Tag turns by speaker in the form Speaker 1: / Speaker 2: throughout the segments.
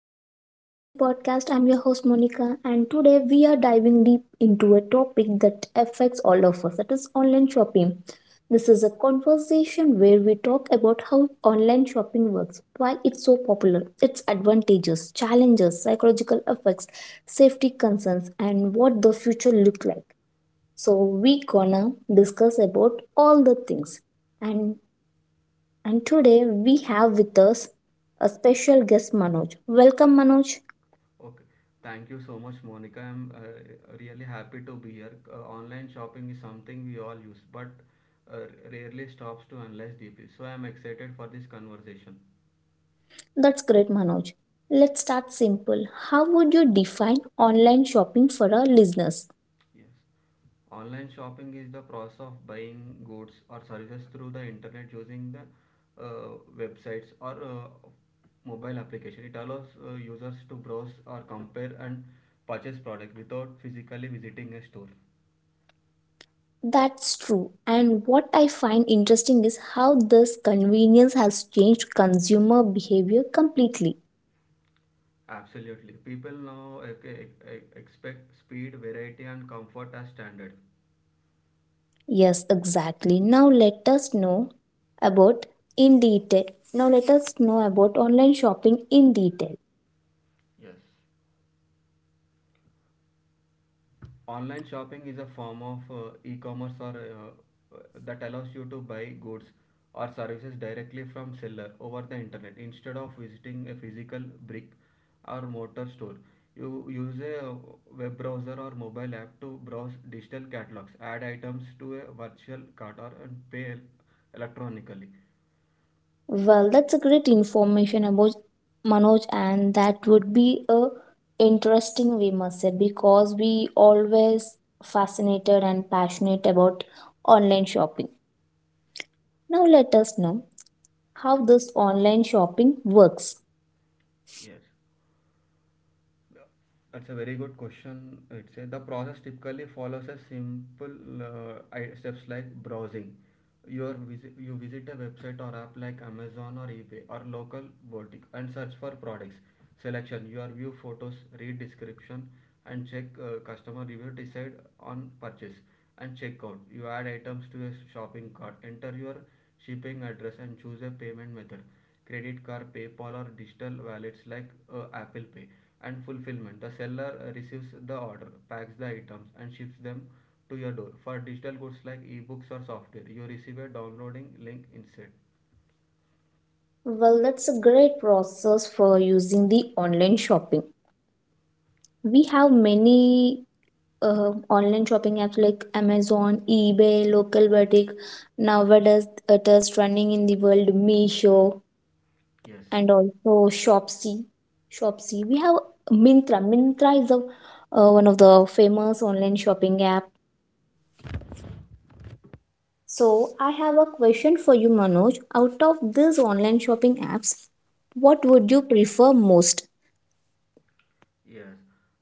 Speaker 1: everyone, welcome to the podcast. I'm your host Monica, and today we are diving deep into a topic that affects all of us, that is online shopping. This is a conversation where we talk about how online shopping works, why it's so popular, its advantages, challenges, psychological effects, safety concerns, and what the future look like. So we gonna discuss about all the things. And and today we have with us a special guest, Manoj. Welcome, Manoj.
Speaker 2: Okay. Thank you so much, Monica. I'm really happy to be here. Online shopping is something we all use, but uh, rarely stops to analyze deeply. So I'm excited for this conversation.
Speaker 1: That's great, Manoj. Let's start simple. How would you define online shopping for our listeners?
Speaker 2: Yes. Online shopping is the process of buying goods or services through the internet using the websites or mobile application. It allows users to browse or compare and purchase product without physically visiting a store.
Speaker 1: That's true. And what I find interesting is how this convenience has changed consumer behavior completely.
Speaker 2: Absolutely. People now expect speed, variety, and comfort as standard.
Speaker 1: Yes, exactly. Now let us know about in detail. Now let us know about online shopping in detail.
Speaker 2: Yes. Online shopping is a form of e-commerce or that allows you to buy goods or services directly from seller over the internet instead of visiting a physical brick or mortar store. You use a web browser or mobile app to browse digital catalogs, add items to a virtual cart, or and pay electronically.
Speaker 1: Well, that's a great information about Manoj, and that would be a interesting we must say because we always fascinated and passionate about online shopping. Now let us know how this online shopping works.
Speaker 2: Yes. That's a very good question. The process typically follows a simple steps like browsing. You visit a website or app like Amazon or eBay or local boutique and search for products. Selection. You are view photos, read description, and check customer review. Decide on purchase and checkout. You add items to a shopping cart. Enter your shipping address and choose a payment method. Credit card, PayPal, or digital wallets like Apple Pay and fulfillment. The seller receives the order, packs the items, and ships them to your door. For digital goods like ebooks or software, you receive a downloading link instead.
Speaker 1: Well, that's a great process for using the online shopping. We have many online shopping apps like Amazon, eBay, local boutique. Nowadays, it is running in the world, Meesho
Speaker 2: Yes,
Speaker 1: and also Shopsy. Shopsy. We have Mintra. Mintra is a, one of the famous online shopping app. So I have a question for you, Manoj. Out of these online shopping apps, what would you prefer most?
Speaker 2: yes.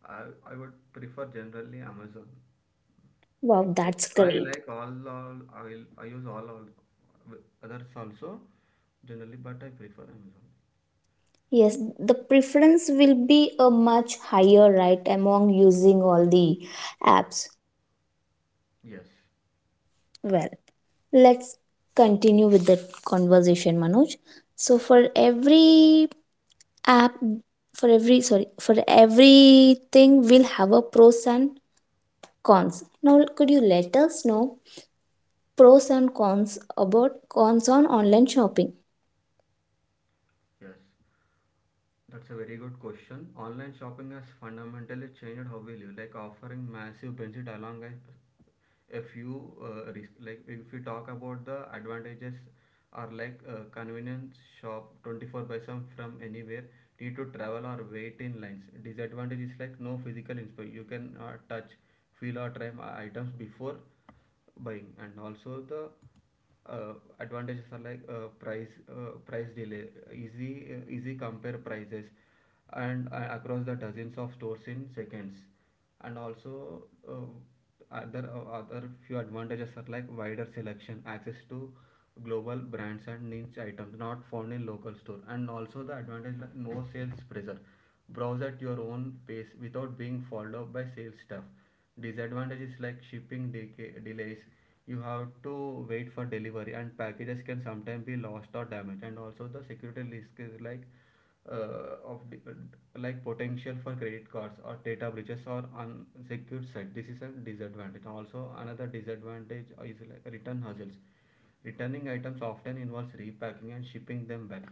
Speaker 2: I would prefer generally Amazon.
Speaker 1: Wow,
Speaker 2: Yes,
Speaker 1: that's
Speaker 2: I
Speaker 1: great.
Speaker 2: like all, I use all others also generally, but I prefer Amazon.
Speaker 1: Yes, the preference will be a much higher, right, among using all the apps.
Speaker 2: Yes,
Speaker 1: Well, let's continue with the conversation, Manoj. So for every app, for every, sorry, for everything will have a pros and cons. Now could you let us know pros and cons about, cons on online shopping?
Speaker 2: yes. That's a very good question. Online shopping has fundamentally changed how we live, like offering massive benefit along a few risk. Like if we talk about the advantages are like convenience shop 24 by 7 from anywhere, need to travel or wait in lines. Disadvantage is like no physical inspiration. You can touch, feel or try my items before buying, and also the uh, advantages are like price delay, easy easy compare prices, and across the dozens of stores in seconds, and also other few advantages are like wider selection, access to global brands and niche items not found in local store, and also the advantage like no sales pressure, browse at your own pace without being followed up by sales staff. Disadvantage is like delays. You have to wait for delivery and packages can sometimes be lost or damaged, and also the security risk is like uh, of the, like potential for credit cards or data breaches or unsecured site. This is a disadvantage. Also, another disadvantage is like return hassles. Returning items often involves repacking and shipping them back.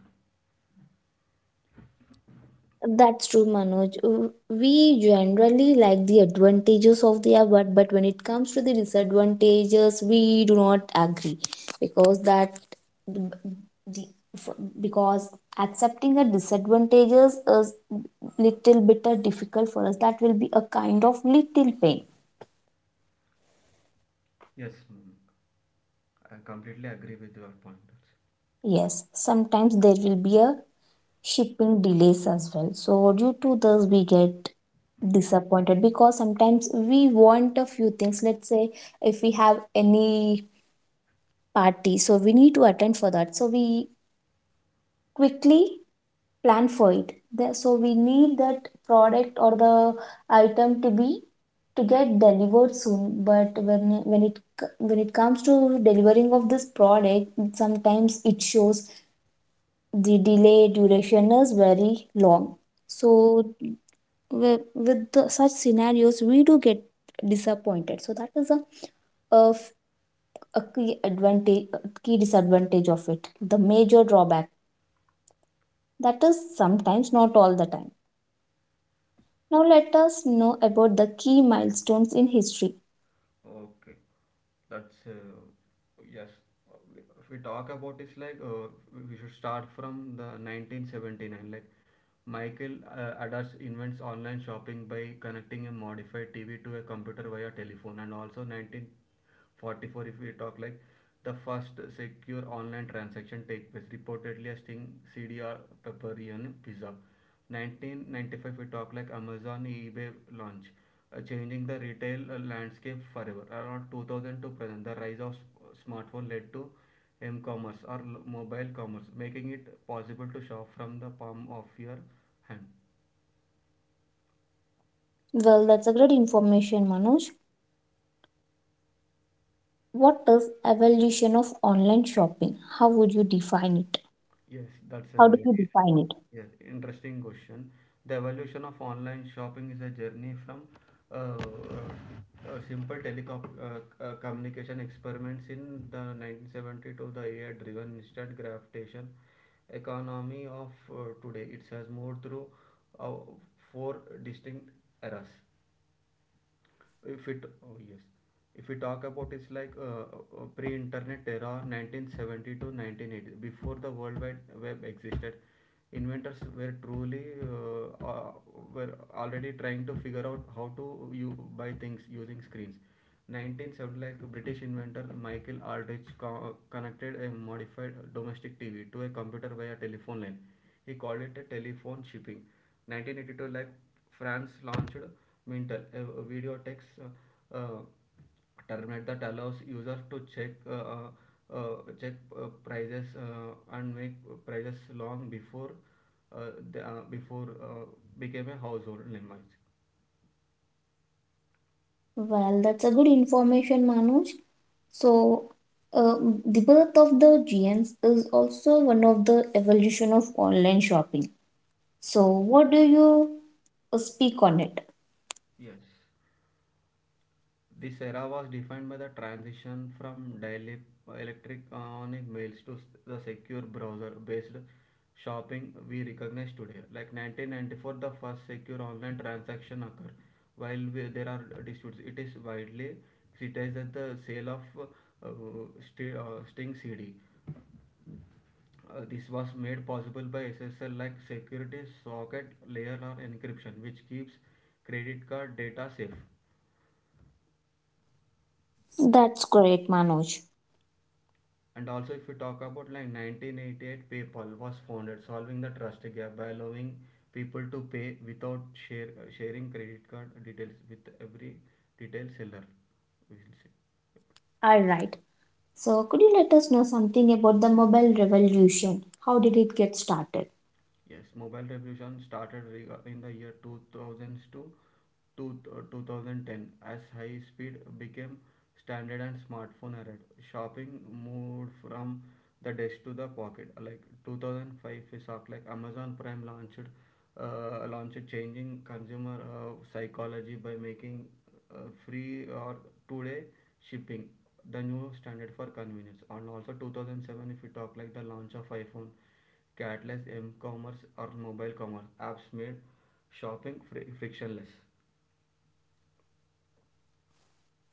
Speaker 1: That's true, Manoj. We generally like the advantages of the award, but when it comes to the disadvantages, we do not agree, because that the the- for- because accepting the disadvantages is little bit difficult for us. That will be a kind of little pain.
Speaker 2: yes mm, I completely agree with your pointers.
Speaker 1: Yes, sometimes there will be a shipping delays as well. So due to this, we get disappointed because sometimes we want a few things. Let's say if we have any party, so we need to attend for that. So we quickly plan for it. So we need that product or the item to be, to get delivered soon. But when it comes to delivering of this product, sometimes it shows the delay duration is very long. So with the, such scenarios we do get disappointed, so that is a, a a, f- a key advantage, a key disadvantage of it, the major drawback. That is sometimes, not all the time. Now let us know about the key milestones in history.
Speaker 2: Okay, that's yes. Uh, If we talk about, it's like we should start from the 1979. Like Michael Adams invents online shopping by connecting a modified TV to a computer via telephone, and also 1944. If we talk like the first secure online transaction take place, reportedly a Sting CDR pepperoni pizza. 1995, we talk like Amazon eBay launch, changing the retail landscape forever. Around 2000 to present, the rise of smartphone led to m-commerce or mobile commerce, making it possible to shop from the palm of your hand.
Speaker 1: Well, that's a great information, Manoj. What is evolution of online shopping? How would you define it?
Speaker 2: Yes, that's a
Speaker 1: How do
Speaker 2: very
Speaker 1: you define it?
Speaker 2: Yes, interesting question. The evolution of online shopping is a journey from simple telecom communication experiments in the 1970 to the AI-driven instant gratification economy of today. It has moved through uh, four distinct eras. If it Oh yes, if we talk about it's like pre-internet era 1970 to 1980. Before the world wide web existed, inventors were truly were already trying to figure out how to you buy things using screens. 1970, sound like British inventor Michael Aldrich connected a modified domestic TV to a computer via telephone line. He called it a telephone shipping. 1982, like France launched Mintel, a video text terminal that allows users to uh, check prices and make prices long before uh, the, uh, before uh, became a household name.
Speaker 1: Well, that's a good information, Manoj. So, uh, the birth of the GNs is also one of the evolution of online shopping. So, what do you speak on it?
Speaker 2: Yes. This era was defined by the transition from dielectric ionic mails to the secure browser-based shopping we recognize today. Like 1994, the first secure online transaction occurred. While we, there are disputes, it is widely criticized that the sale of Sting CD. This was made possible by SSL like security socket layer or encryption, which keeps credit card data safe.
Speaker 1: That's great, Manoj.
Speaker 2: And also, if you talk about like 1988, PayPal was founded, solving the trust gap by allowing people to pay without sharing credit card details with every retail seller. We will see.
Speaker 1: All right. So, could you let us know something about the mobile revolution? How did it get started?
Speaker 2: Yes, mobile revolution started in the year 2002 to 2010. As high speed became standard and smartphone arrived, shopping moved from the desk to the pocket. Like 2005, we saw like Amazon Prime launched, changing consumer psychology by making free or 2-day shipping the new standard for convenience. And also 2007, if we talk like the launch of iPhone catalyzed m-commerce or mobile commerce apps, made shopping frictionless.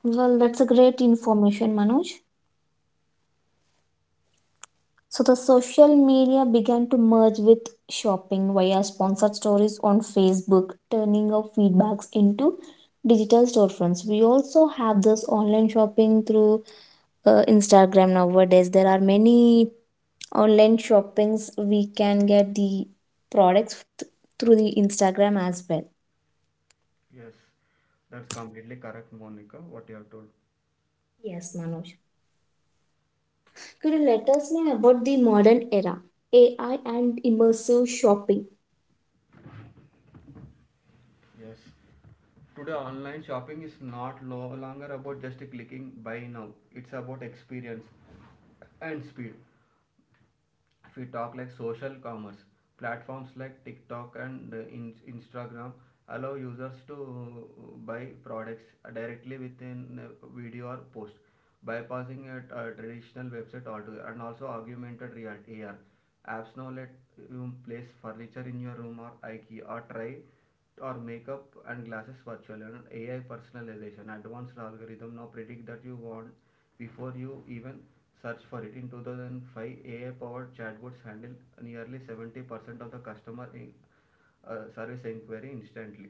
Speaker 1: Well, that's a great information, Manoj. So the social media began to merge with shopping via sponsored stories on Facebook, turning our feedbacks into digital storefronts. We also have this online shopping through Instagram nowadays. There are many online shoppings we can get the products through the Instagram as well.
Speaker 2: Yes, that's completely correct, Monica, what you have told.
Speaker 1: Yes, Manoj. Could you let us know about the modern era, AI and immersive shopping?
Speaker 2: Yes. Today, online shopping is not no longer about just clicking buy now, it's about experience and speed. If we talk like social commerce platforms like TikTok and Instagram allow users to buy products directly within video or post, bypassing a traditional website altogether. And also augmented reality, AR apps now let you place furniture in your room or IKEA, or try or makeup and glasses virtually. And AI personalization, advanced algorithm now predict that you want before you even search for it. In 2005, AI-powered chatbots handled nearly 70% of the service inquiry instantly.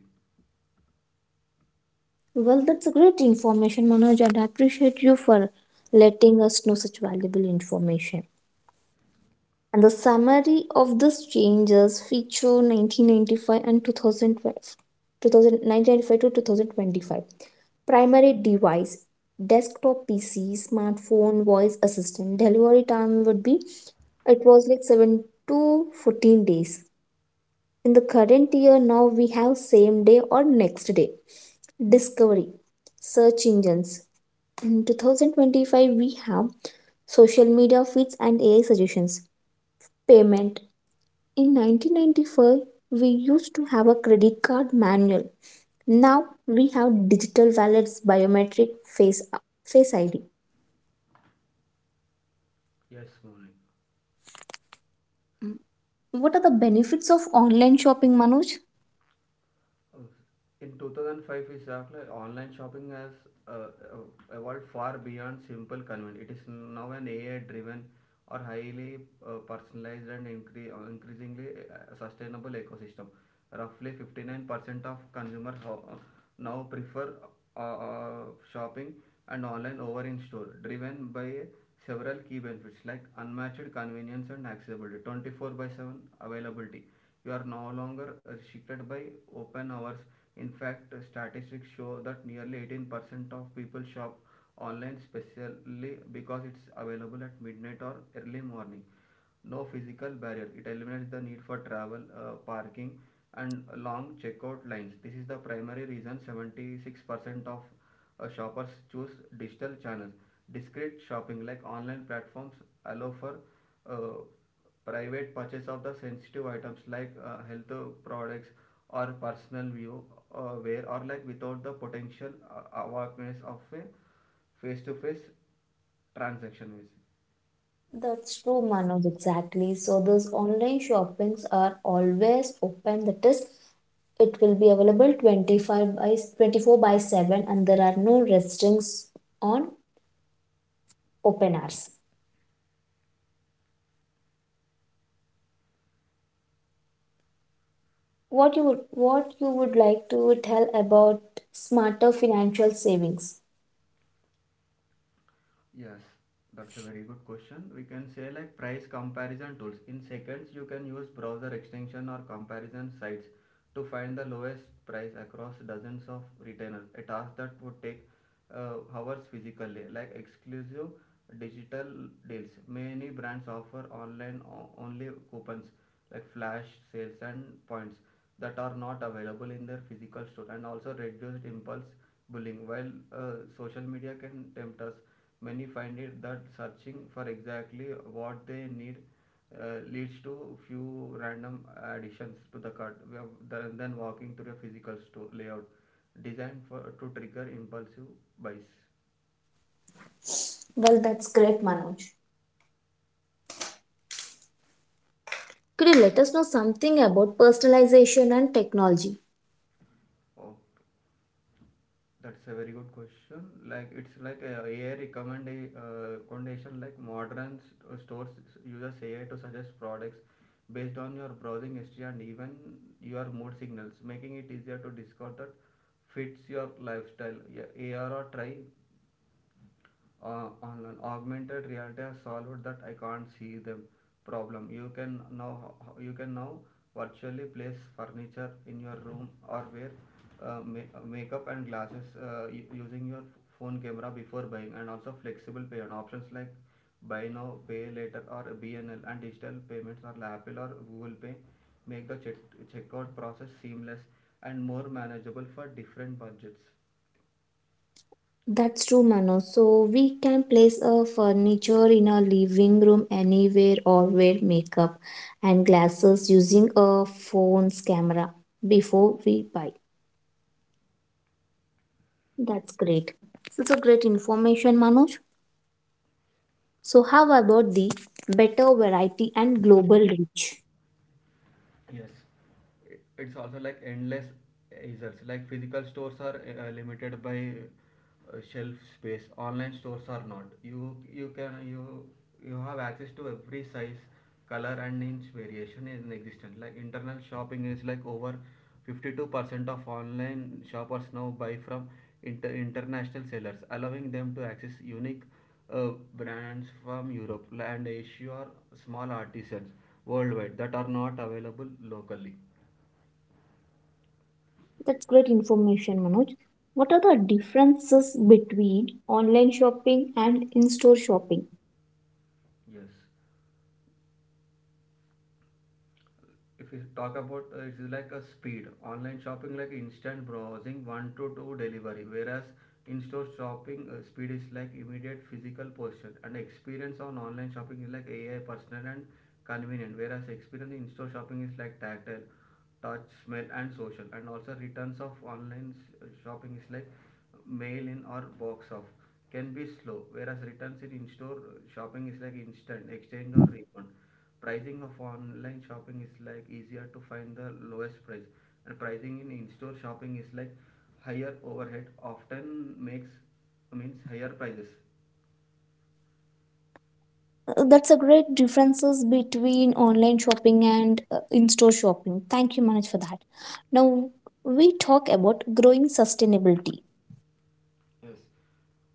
Speaker 1: Well, that's a great information, Manoj, and I appreciate you for letting us know such valuable information. And the summary of these changes feature 1995 and 2012, 2019 ninety five to 2025. Primary device, desktop PC, smartphone, voice assistant. Delivery time would be, it was like 7 to 14 days. In the current year, now we have same day or next day. Discovery, search engines, in 2025, we have social media feeds and AI suggestions. Payment. In 1995, we used to have a credit card manual. Now we have digital wallets, biometric face, face ID.
Speaker 2: Yes, Maulik.
Speaker 1: What are the benefits of online shopping, Manoj?
Speaker 2: Uh, In 2005 is after online shopping has uh, evolved far beyond simple convenience. It is now an AI-driven or highly personalized and increasingly sustainable ecosystem. Roughly 59% of consumers now prefer uh, uh, shopping and online over in store, driven by several key benefits like unmatched convenience and accessibility. 24 by 7 availability, you are no longer restricted by open hours. In fact, statistics show that nearly 18% of people shop online specially because it's available at midnight or early morning. No physical barrier, it eliminates the need for travel, parking, and long checkout lines. This is the primary reason 76% of shoppers choose digital channels. Discrete shopping, like online platforms allow for uh, private purchase of the sensitive items like health products or personal view, where or like without the potential awareness of a face-to-face transaction with.
Speaker 1: That's true, Manoj, exactly. So those online shoppings are always open. That is, it will be available 25 by 24 by 7 and there are no restrictions on open hours. What you would like to tell about smarter financial savings?
Speaker 2: Yes, that's a very good question. We can say like price comparison tools. In seconds, you can use browser extension or comparison sites to find the lowest price across dozens of retailers. A task that would take hours physically. Like exclusive digital deals, many brands offer only coupons like flash sales and points that are not available in their physical store. And also reduced impulse bullying. While social media can tempt us, many find it that searching for exactly what they need leads to few random additions to the cart. Than then walking through a physical store layout designed for to trigger impulsive buys.
Speaker 1: Well, that's great, Manoj. Could you let us know something about personalization and technology?
Speaker 2: Oh. That's a very good question. Like it's like a AI recommendation. Like modern stores uses AI to suggest products based on your browsing history and even your mood signals, making it easier to discover that fits your lifestyle. Yeah, AR or try on. An augmented reality has solved that I can't see them problem. You can now virtually place furniture in your room or wear makeup and glasses using your phone camera before buying. And also flexible pay on options like buy now, pay later, or BNL, and digital payments or Apple or Google Pay make the checkout process seamless and more manageable for different budgets.
Speaker 1: That's true, Manoj. So we can place a furniture in our living room anywhere, or wear makeup and glasses using a phone's camera before we buy. That's great. It's a great information, Manoj. So how about the better variety and global reach?
Speaker 2: Yes, it's also like endless results. Like physical stores are limited by shelf space. Online stores are not. You can you You have access to every size, color, and inch variation in existence. Like internal shopping is like over 52% of online shoppers now buy from international sellers, allowing them to access unique uh, brands from Europe and Asia, small artisans worldwide that are not available locally.
Speaker 1: That's great information, Manoj. What are the differences between online shopping and in-store shopping?
Speaker 2: Yes, if we talk about it's like a speed online shopping like instant browsing, one to two delivery, whereas in-store shopping speed is like immediate physical posture and experience. On online shopping is like AI personal and convenient, whereas experience in store shopping is like tactile touch, smell, and social. And also returns of shopping is like mail in or box off, can be slow, whereas returns in in-store shopping is like instant exchange or refund. Pricing of online shopping is like easier to find the lowest price, and pricing in in-store shopping is like higher overhead often makes means higher prices.
Speaker 1: That's a great differences between online shopping and in-store shopping. Thank you, Manoj, for that. Now we talk about growing sustainability.
Speaker 2: Yes.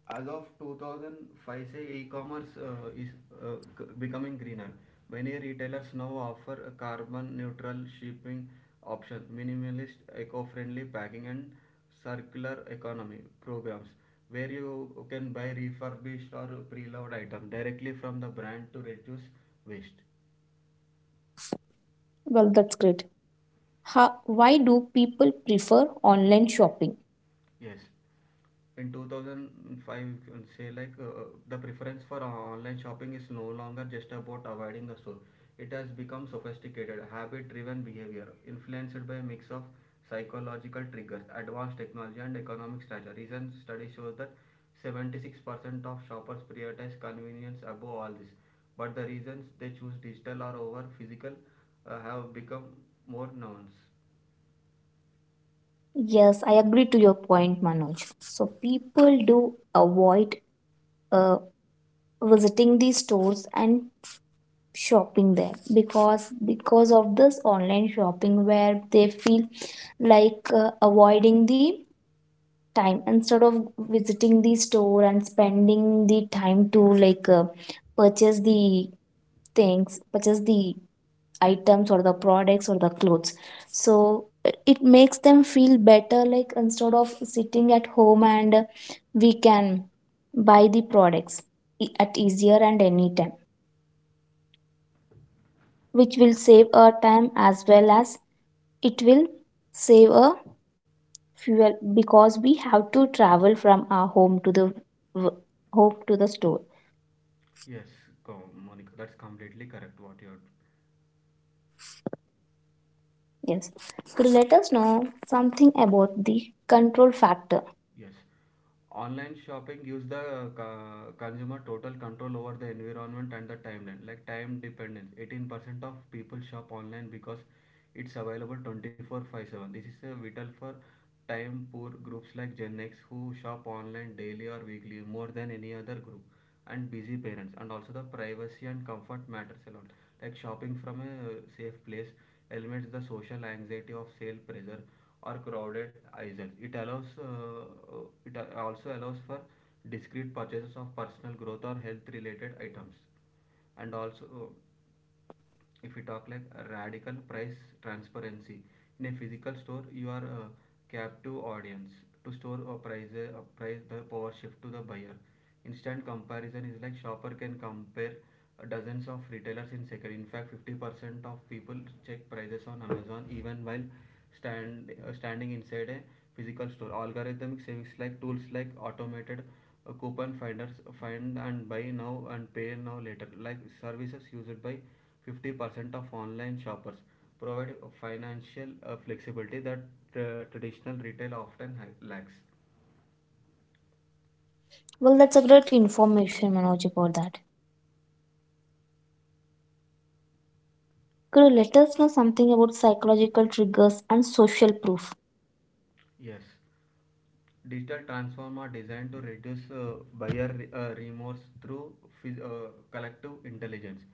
Speaker 2: As of 2005, say e-commerce is becoming greener. Many retailers now offer a carbon neutral shipping option, minimalist eco-friendly packing, and circular economy programs where you can buy refurbished or pre-loved item directly from the brand to reduce waste.
Speaker 1: Well, that's great. How, why do people prefer online shopping?
Speaker 2: Yes. In 2005, you can say like the preference for online shopping is no longer just about avoiding the store. It has become sophisticated habit driven behavior influenced by a mix of psychological triggers, advanced technology, and economic strata. Recent study shows that 76% of shoppers prioritize convenience above all this, but the reasons they choose digital or over physical have become more nuanced.
Speaker 1: Yes, I agree to your point, Manoj. So people do avoid uh, visiting these stores and shopping there because of this online shopping, where they feel like avoiding the time instead of visiting the store and spending the time to, like, purchase the things purchase the items or the products or the clothes. So it makes them feel better, like instead of sitting at home and we can buy the products at easier and any time, which will save our time, as well as it will save a fuel because we have to travel from our home to the w- home to the store.
Speaker 2: Yes, Monica, that's completely correct what you are.
Speaker 1: Yes. Could you let us know something about the control factor?
Speaker 2: Yes. Online shopping gives the consumer total control over the environment and the timeline, like time dependence. 18% of people shop online because it's available 24/7. This is a vital for time poor groups like Gen X, who shop online daily or weekly more than any other group, and busy parents. And also the privacy and comfort matters a lot. Like shopping from a safe place eliminates the social anxiety of sale pressure or crowded aisles. It allows it also allows for discrete purchases of personal growth or health related items. And also if we talk like radical price transparency, in a physical store you are captive audience to store a price. A price, the power shift to the buyer. Instant comparison is like shopper can compare dozens of retailers in second. In fact, 50% of people check prices on Amazon even while standing inside a physical store. Algorithmic savings, like tools like automated coupon finders, find and buy now and pay now later like services used by 50% of online shoppers, provide financial flexibility that traditional retail often lacks.
Speaker 1: Well, that's a great information, Manoj, about that. Could you let us know something about psychological triggers and social proof?
Speaker 2: Yes, digital transform are designed to reduce buyer remorse through collective intelligence.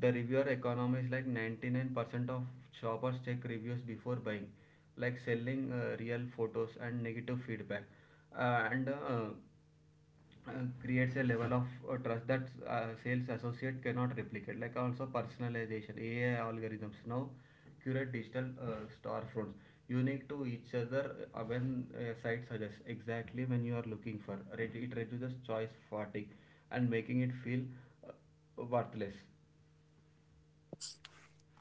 Speaker 2: The reviewer economy is like 99% of shoppers check reviews before buying, like selling real photos and negative feedback. And uh, creates a level of trust that sales associate cannot replicate. Like also personalization, AI algorithms now curate digital storefronts unique to each other. When a site suggests exactly when you are looking for, it reduces choice fatigue and making it feel uh, worthless.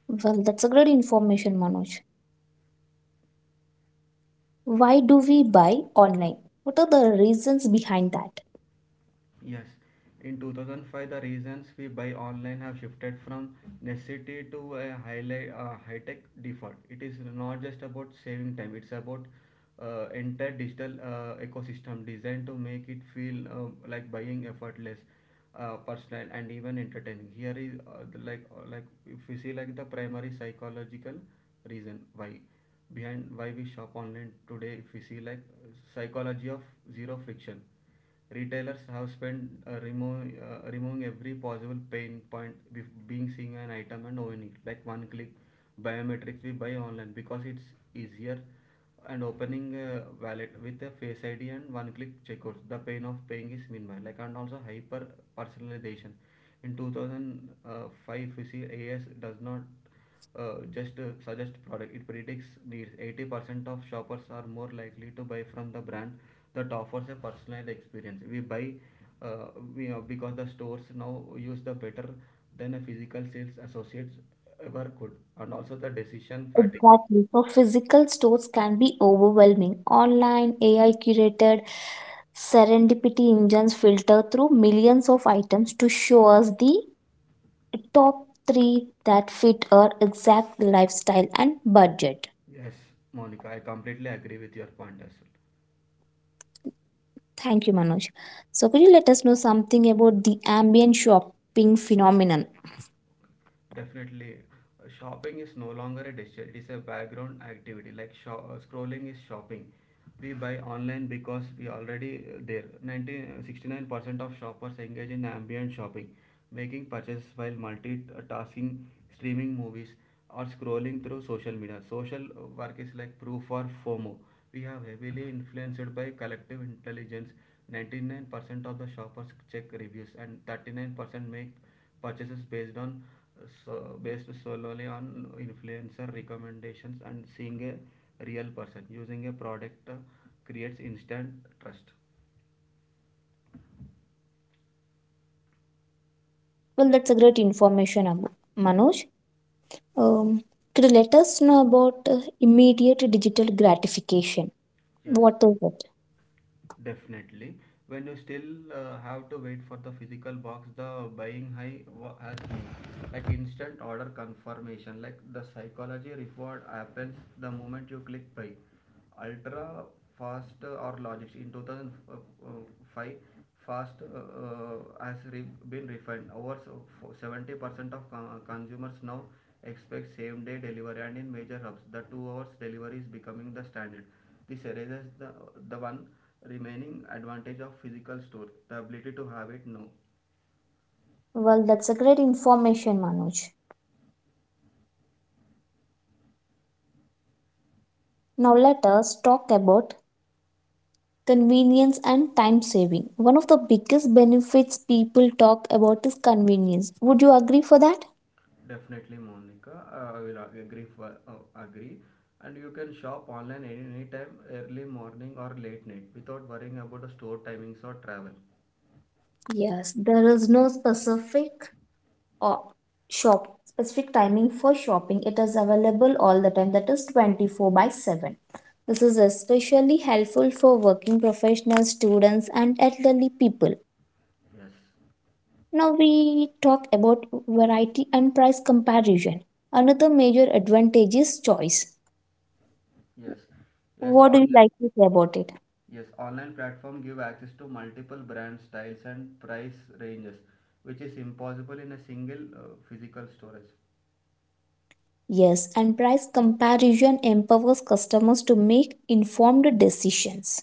Speaker 1: Well, that's a great information, Manoj. Why do we buy online? What are the reasons behind that?
Speaker 2: Yes, in 2005, the reasons we buy online have shifted from necessity to a highlight, high-tech default. It is not just about saving time; it's about entire digital ecosystem designed to make it feel like buying effortless, personal, and even entertaining. Here is the, like if we see like the primary psychological reason why, behind why we shop online today. If we see like psychology of zero friction. Retailers have spent removing every possible pain point with being seeing an item and owning it, like one click biometrics. We buy online because it's easier, and opening a wallet with a face ID and one click checkout. The pain of paying is minimal. Like and also hyper personalization. In 2005, you see AS does not just suggest product, it predicts needs. 80% of shoppers are more likely to buy from the brand that offers a personalized experience. We buy uh, because the stores now use the better than a physical sales associates ever could. And also the decision fatigue.
Speaker 1: Exactly. So physical stores can be overwhelming. Online, AI curated serendipity engines filter through millions of items to show us the top three that fit our exact lifestyle and budget.
Speaker 2: Yes, Monica, I completely agree with your point as well.
Speaker 1: Thank you, Manoj. So could you let us know something about the ambient shopping phenomenon?
Speaker 2: Definitely. Shopping is no longer a dish; it is a background activity. Like scrolling is shopping. We buy online because we already there. Ninety sixty nine percent of shoppers engage in ambient shopping, making purchases while multitasking, streaming movies, or scrolling through social media. Social work is like proof or FOMO. We are heavily influenced by collective intelligence. 99% of the shoppers check reviews, and 39% make purchases based on, so based solely on influencer recommendations, and seeing a real person using a product creates instant trust.
Speaker 1: Well, that's a great information, Manoj. Um, could you let us know about immediate digital gratification?
Speaker 2: Yes.
Speaker 1: What is it?
Speaker 2: Definitely. When you still have to wait for the physical box, the buying has been like instant order confirmation. Like the psychology reward happens the moment you click buy. Ultra fast or logics in 2005, fast has been refined. Over 70% of consumers now expect same day delivery, and in major hubs, the 2 hours delivery is becoming the standard. This erases the one remaining advantage of physical store, the ability to have it now.
Speaker 1: Well, that's a great information, Manoj. Now let us talk about convenience and time saving. One of the biggest benefits people talk about is convenience. Would you agree for that?
Speaker 2: Definitely, Monica, I will agree. And you can shop online any time, early morning or late night, without worrying about the store timings or travel.
Speaker 1: Yes, there is no specific, or shop specific timing for shopping. It is available all the time. That is 24 by 7. This is especially helpful for working professionals, students, and elderly people.
Speaker 2: Yes,
Speaker 1: Now we talk about variety and price comparison. Another major advantage is choice.
Speaker 2: yes, yes.
Speaker 1: What do you like to say about it?
Speaker 2: Yes, online platform give access to multiple brand styles and price ranges, which is impossible in a single physical storage.
Speaker 1: Yes, and price comparison empowers customers to make informed decisions.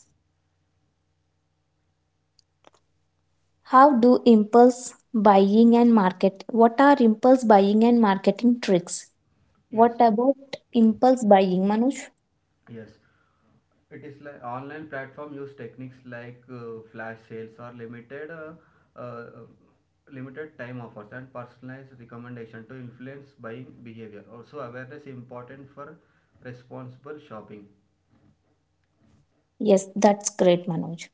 Speaker 1: How do impulse buying and market? What are impulse buying and marketing tricks?
Speaker 2: Yes,
Speaker 1: What about impulse buying, Manoj?
Speaker 2: yes. It is like online platform use techniques like uh, flash sales or uh, limited time offers and personalized recommendation to influence buying behavior. Also, awareness important for responsible shopping.
Speaker 1: Yes, that's great, Manoj.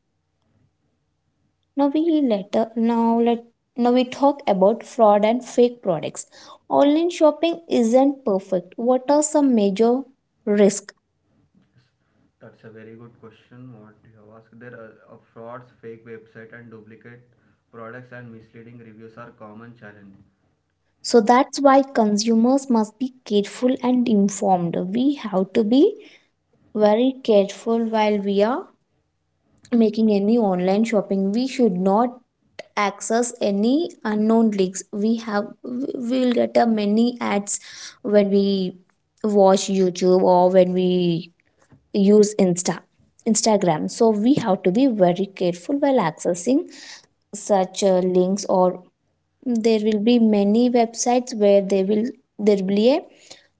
Speaker 1: Now we later now we talk about fraud and fake products. Online shopping isn't perfect. What are some major risks?
Speaker 2: Yes, that's a very good question. What you have asked, there are frauds, fake website, and duplicate products and misleading reviews are common challenge.
Speaker 1: So that's why consumers must be careful and informed. We have to be very careful while we are making any online shopping. We should not access any unknown links. We will get a many ads when we watch YouTube or when we use Insta. Instagram. So we have to be very careful while accessing such links, or there will be many websites where they will there will be a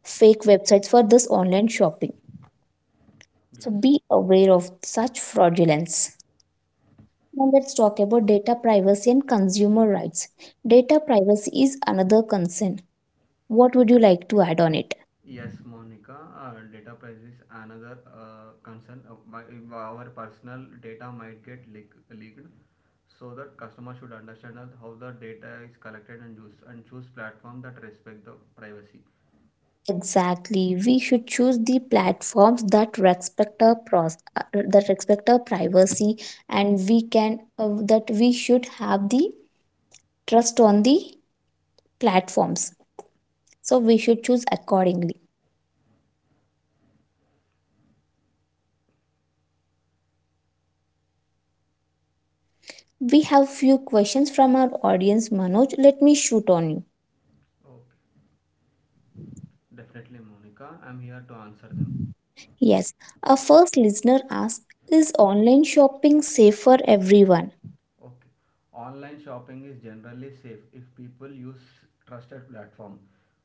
Speaker 1: fake websites for this online shopping. So
Speaker 2: Yes.
Speaker 1: be aware of such fraudulence. Now let's talk about data privacy and consumer rights. Data privacy is another concern. What would you like to add on it?
Speaker 2: Yes, Monica, data privacy is another concern. Our personal data might get leaked, so that customer should understand that how the data is collected and used, and choose platform that respect the privacy.
Speaker 1: Exactly. We should choose the platforms that respect our privacy, and we can that, we should have the trust on the platforms. So we should choose accordingly. We have few questions from our audience, Manoj. Let me shoot on you.
Speaker 2: Okay, definitely, Monica. I'm here to answer them.
Speaker 1: Yes, our first listener asked, "Is online shopping safe for everyone?"
Speaker 2: Okay. Online shopping is generally safe if people use trusted platform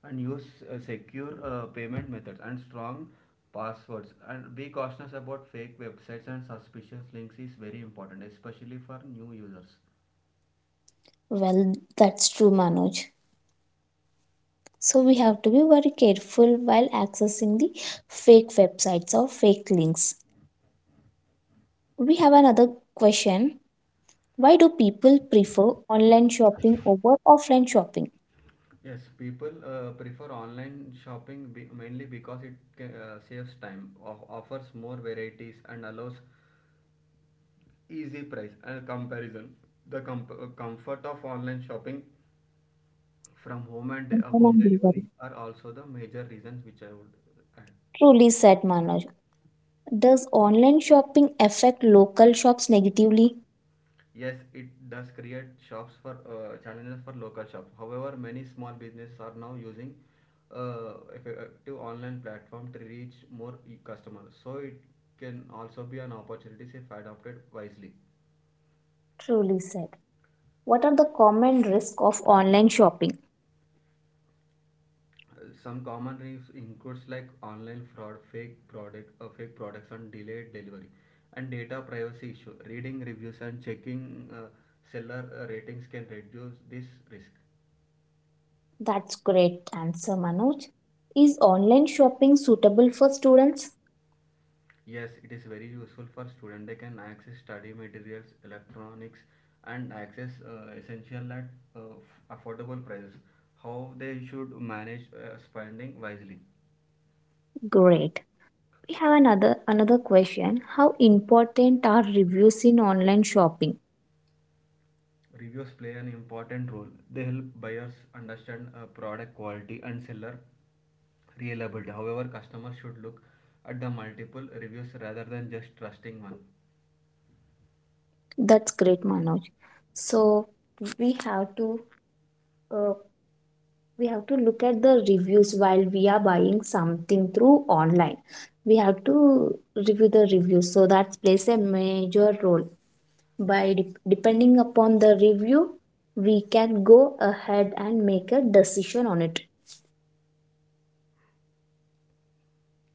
Speaker 2: and use secure payment methods and strong passwords, and be cautious about fake websites and suspicious links is very important, especially for new users.
Speaker 1: Well, that's true, Manoj. So we have to be very careful while accessing the fake websites or fake links. We have another question. Why do people prefer online shopping over offline shopping?
Speaker 2: Yes, people prefer online shopping mainly because it saves time, offers more varieties, and allows easy price and comparison. The comfort of online shopping from home and home
Speaker 1: Online delivery.
Speaker 2: delivery are also the major reasons which I would add.
Speaker 1: Truly said, Manoj. Does online shopping affect local shops negatively?
Speaker 2: Yes, it does create shops for challenges for local shops. However, many small businesses are now using effective online platform to reach more customers. So it can also be an opportunity if adopted wisely.
Speaker 1: Truly said. What are the common risks of online shopping?
Speaker 2: Some common risks includes like online fraud, fake products and delayed delivery, and data privacy issue. Reading reviews and checking seller ratings can reduce this risk.
Speaker 1: That's great answer, Manoj. Is online shopping suitable for students?
Speaker 2: Yes, it is very useful for students. They can access study materials, electronics, and access essential at uh, affordable prices. How they should manage spending wisely.
Speaker 1: Great. We have another question. How important are reviews in online shopping?
Speaker 2: Reviews play an important role. They help buyers understand product quality and seller reliable. However, customers should look at the multiple reviews rather than just trusting one.
Speaker 1: That's great, Manoj. So we have to uh, we have to look at the reviews while we are buying something through online. We have to review the reviews, so that plays a major role. By depending upon the review, we can go ahead and make a decision on it.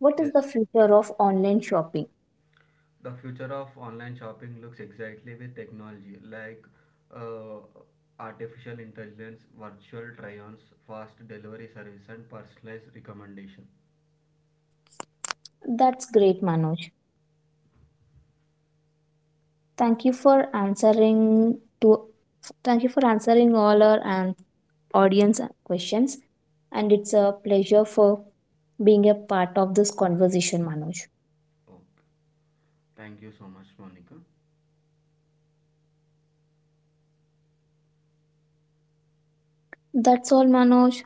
Speaker 1: What is
Speaker 2: Yes,
Speaker 1: the future of online shopping?
Speaker 2: the future of online shopping looks exactly with technology like uh, artificial intelligence, virtual try-ons, fast delivery service, and personalized recommendation.
Speaker 1: That's great, Manoj. Thank you for answering to thank you for answering all our and audience questions. And it's a pleasure for being a part of this conversation, Manoj.
Speaker 2: Okay, thank you so much, Monica.
Speaker 1: That's all, Manoj.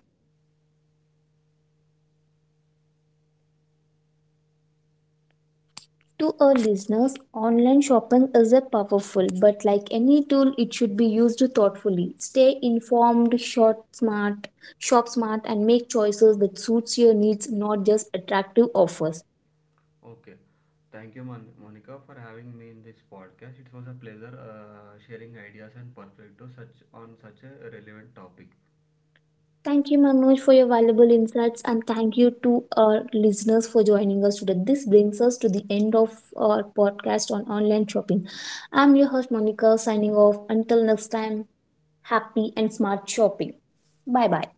Speaker 1: To our listeners, online shopping is a powerful, but like any tool, it should be used thoughtfully. Stay informed, shop smart, and make choices that suits your needs, not just attractive offers.
Speaker 2: Okay, thank you, Monica, for having me in this podcast. It was a pleasure sharing ideas and perspectives such on such a relevant topic.
Speaker 1: Thank you, Manoj, for your valuable insights, and thank you to our listeners for joining us today. This brings us to the end of our podcast on online shopping. I'm your host, Monica, signing off. Until next time, happy and smart shopping. Bye bye.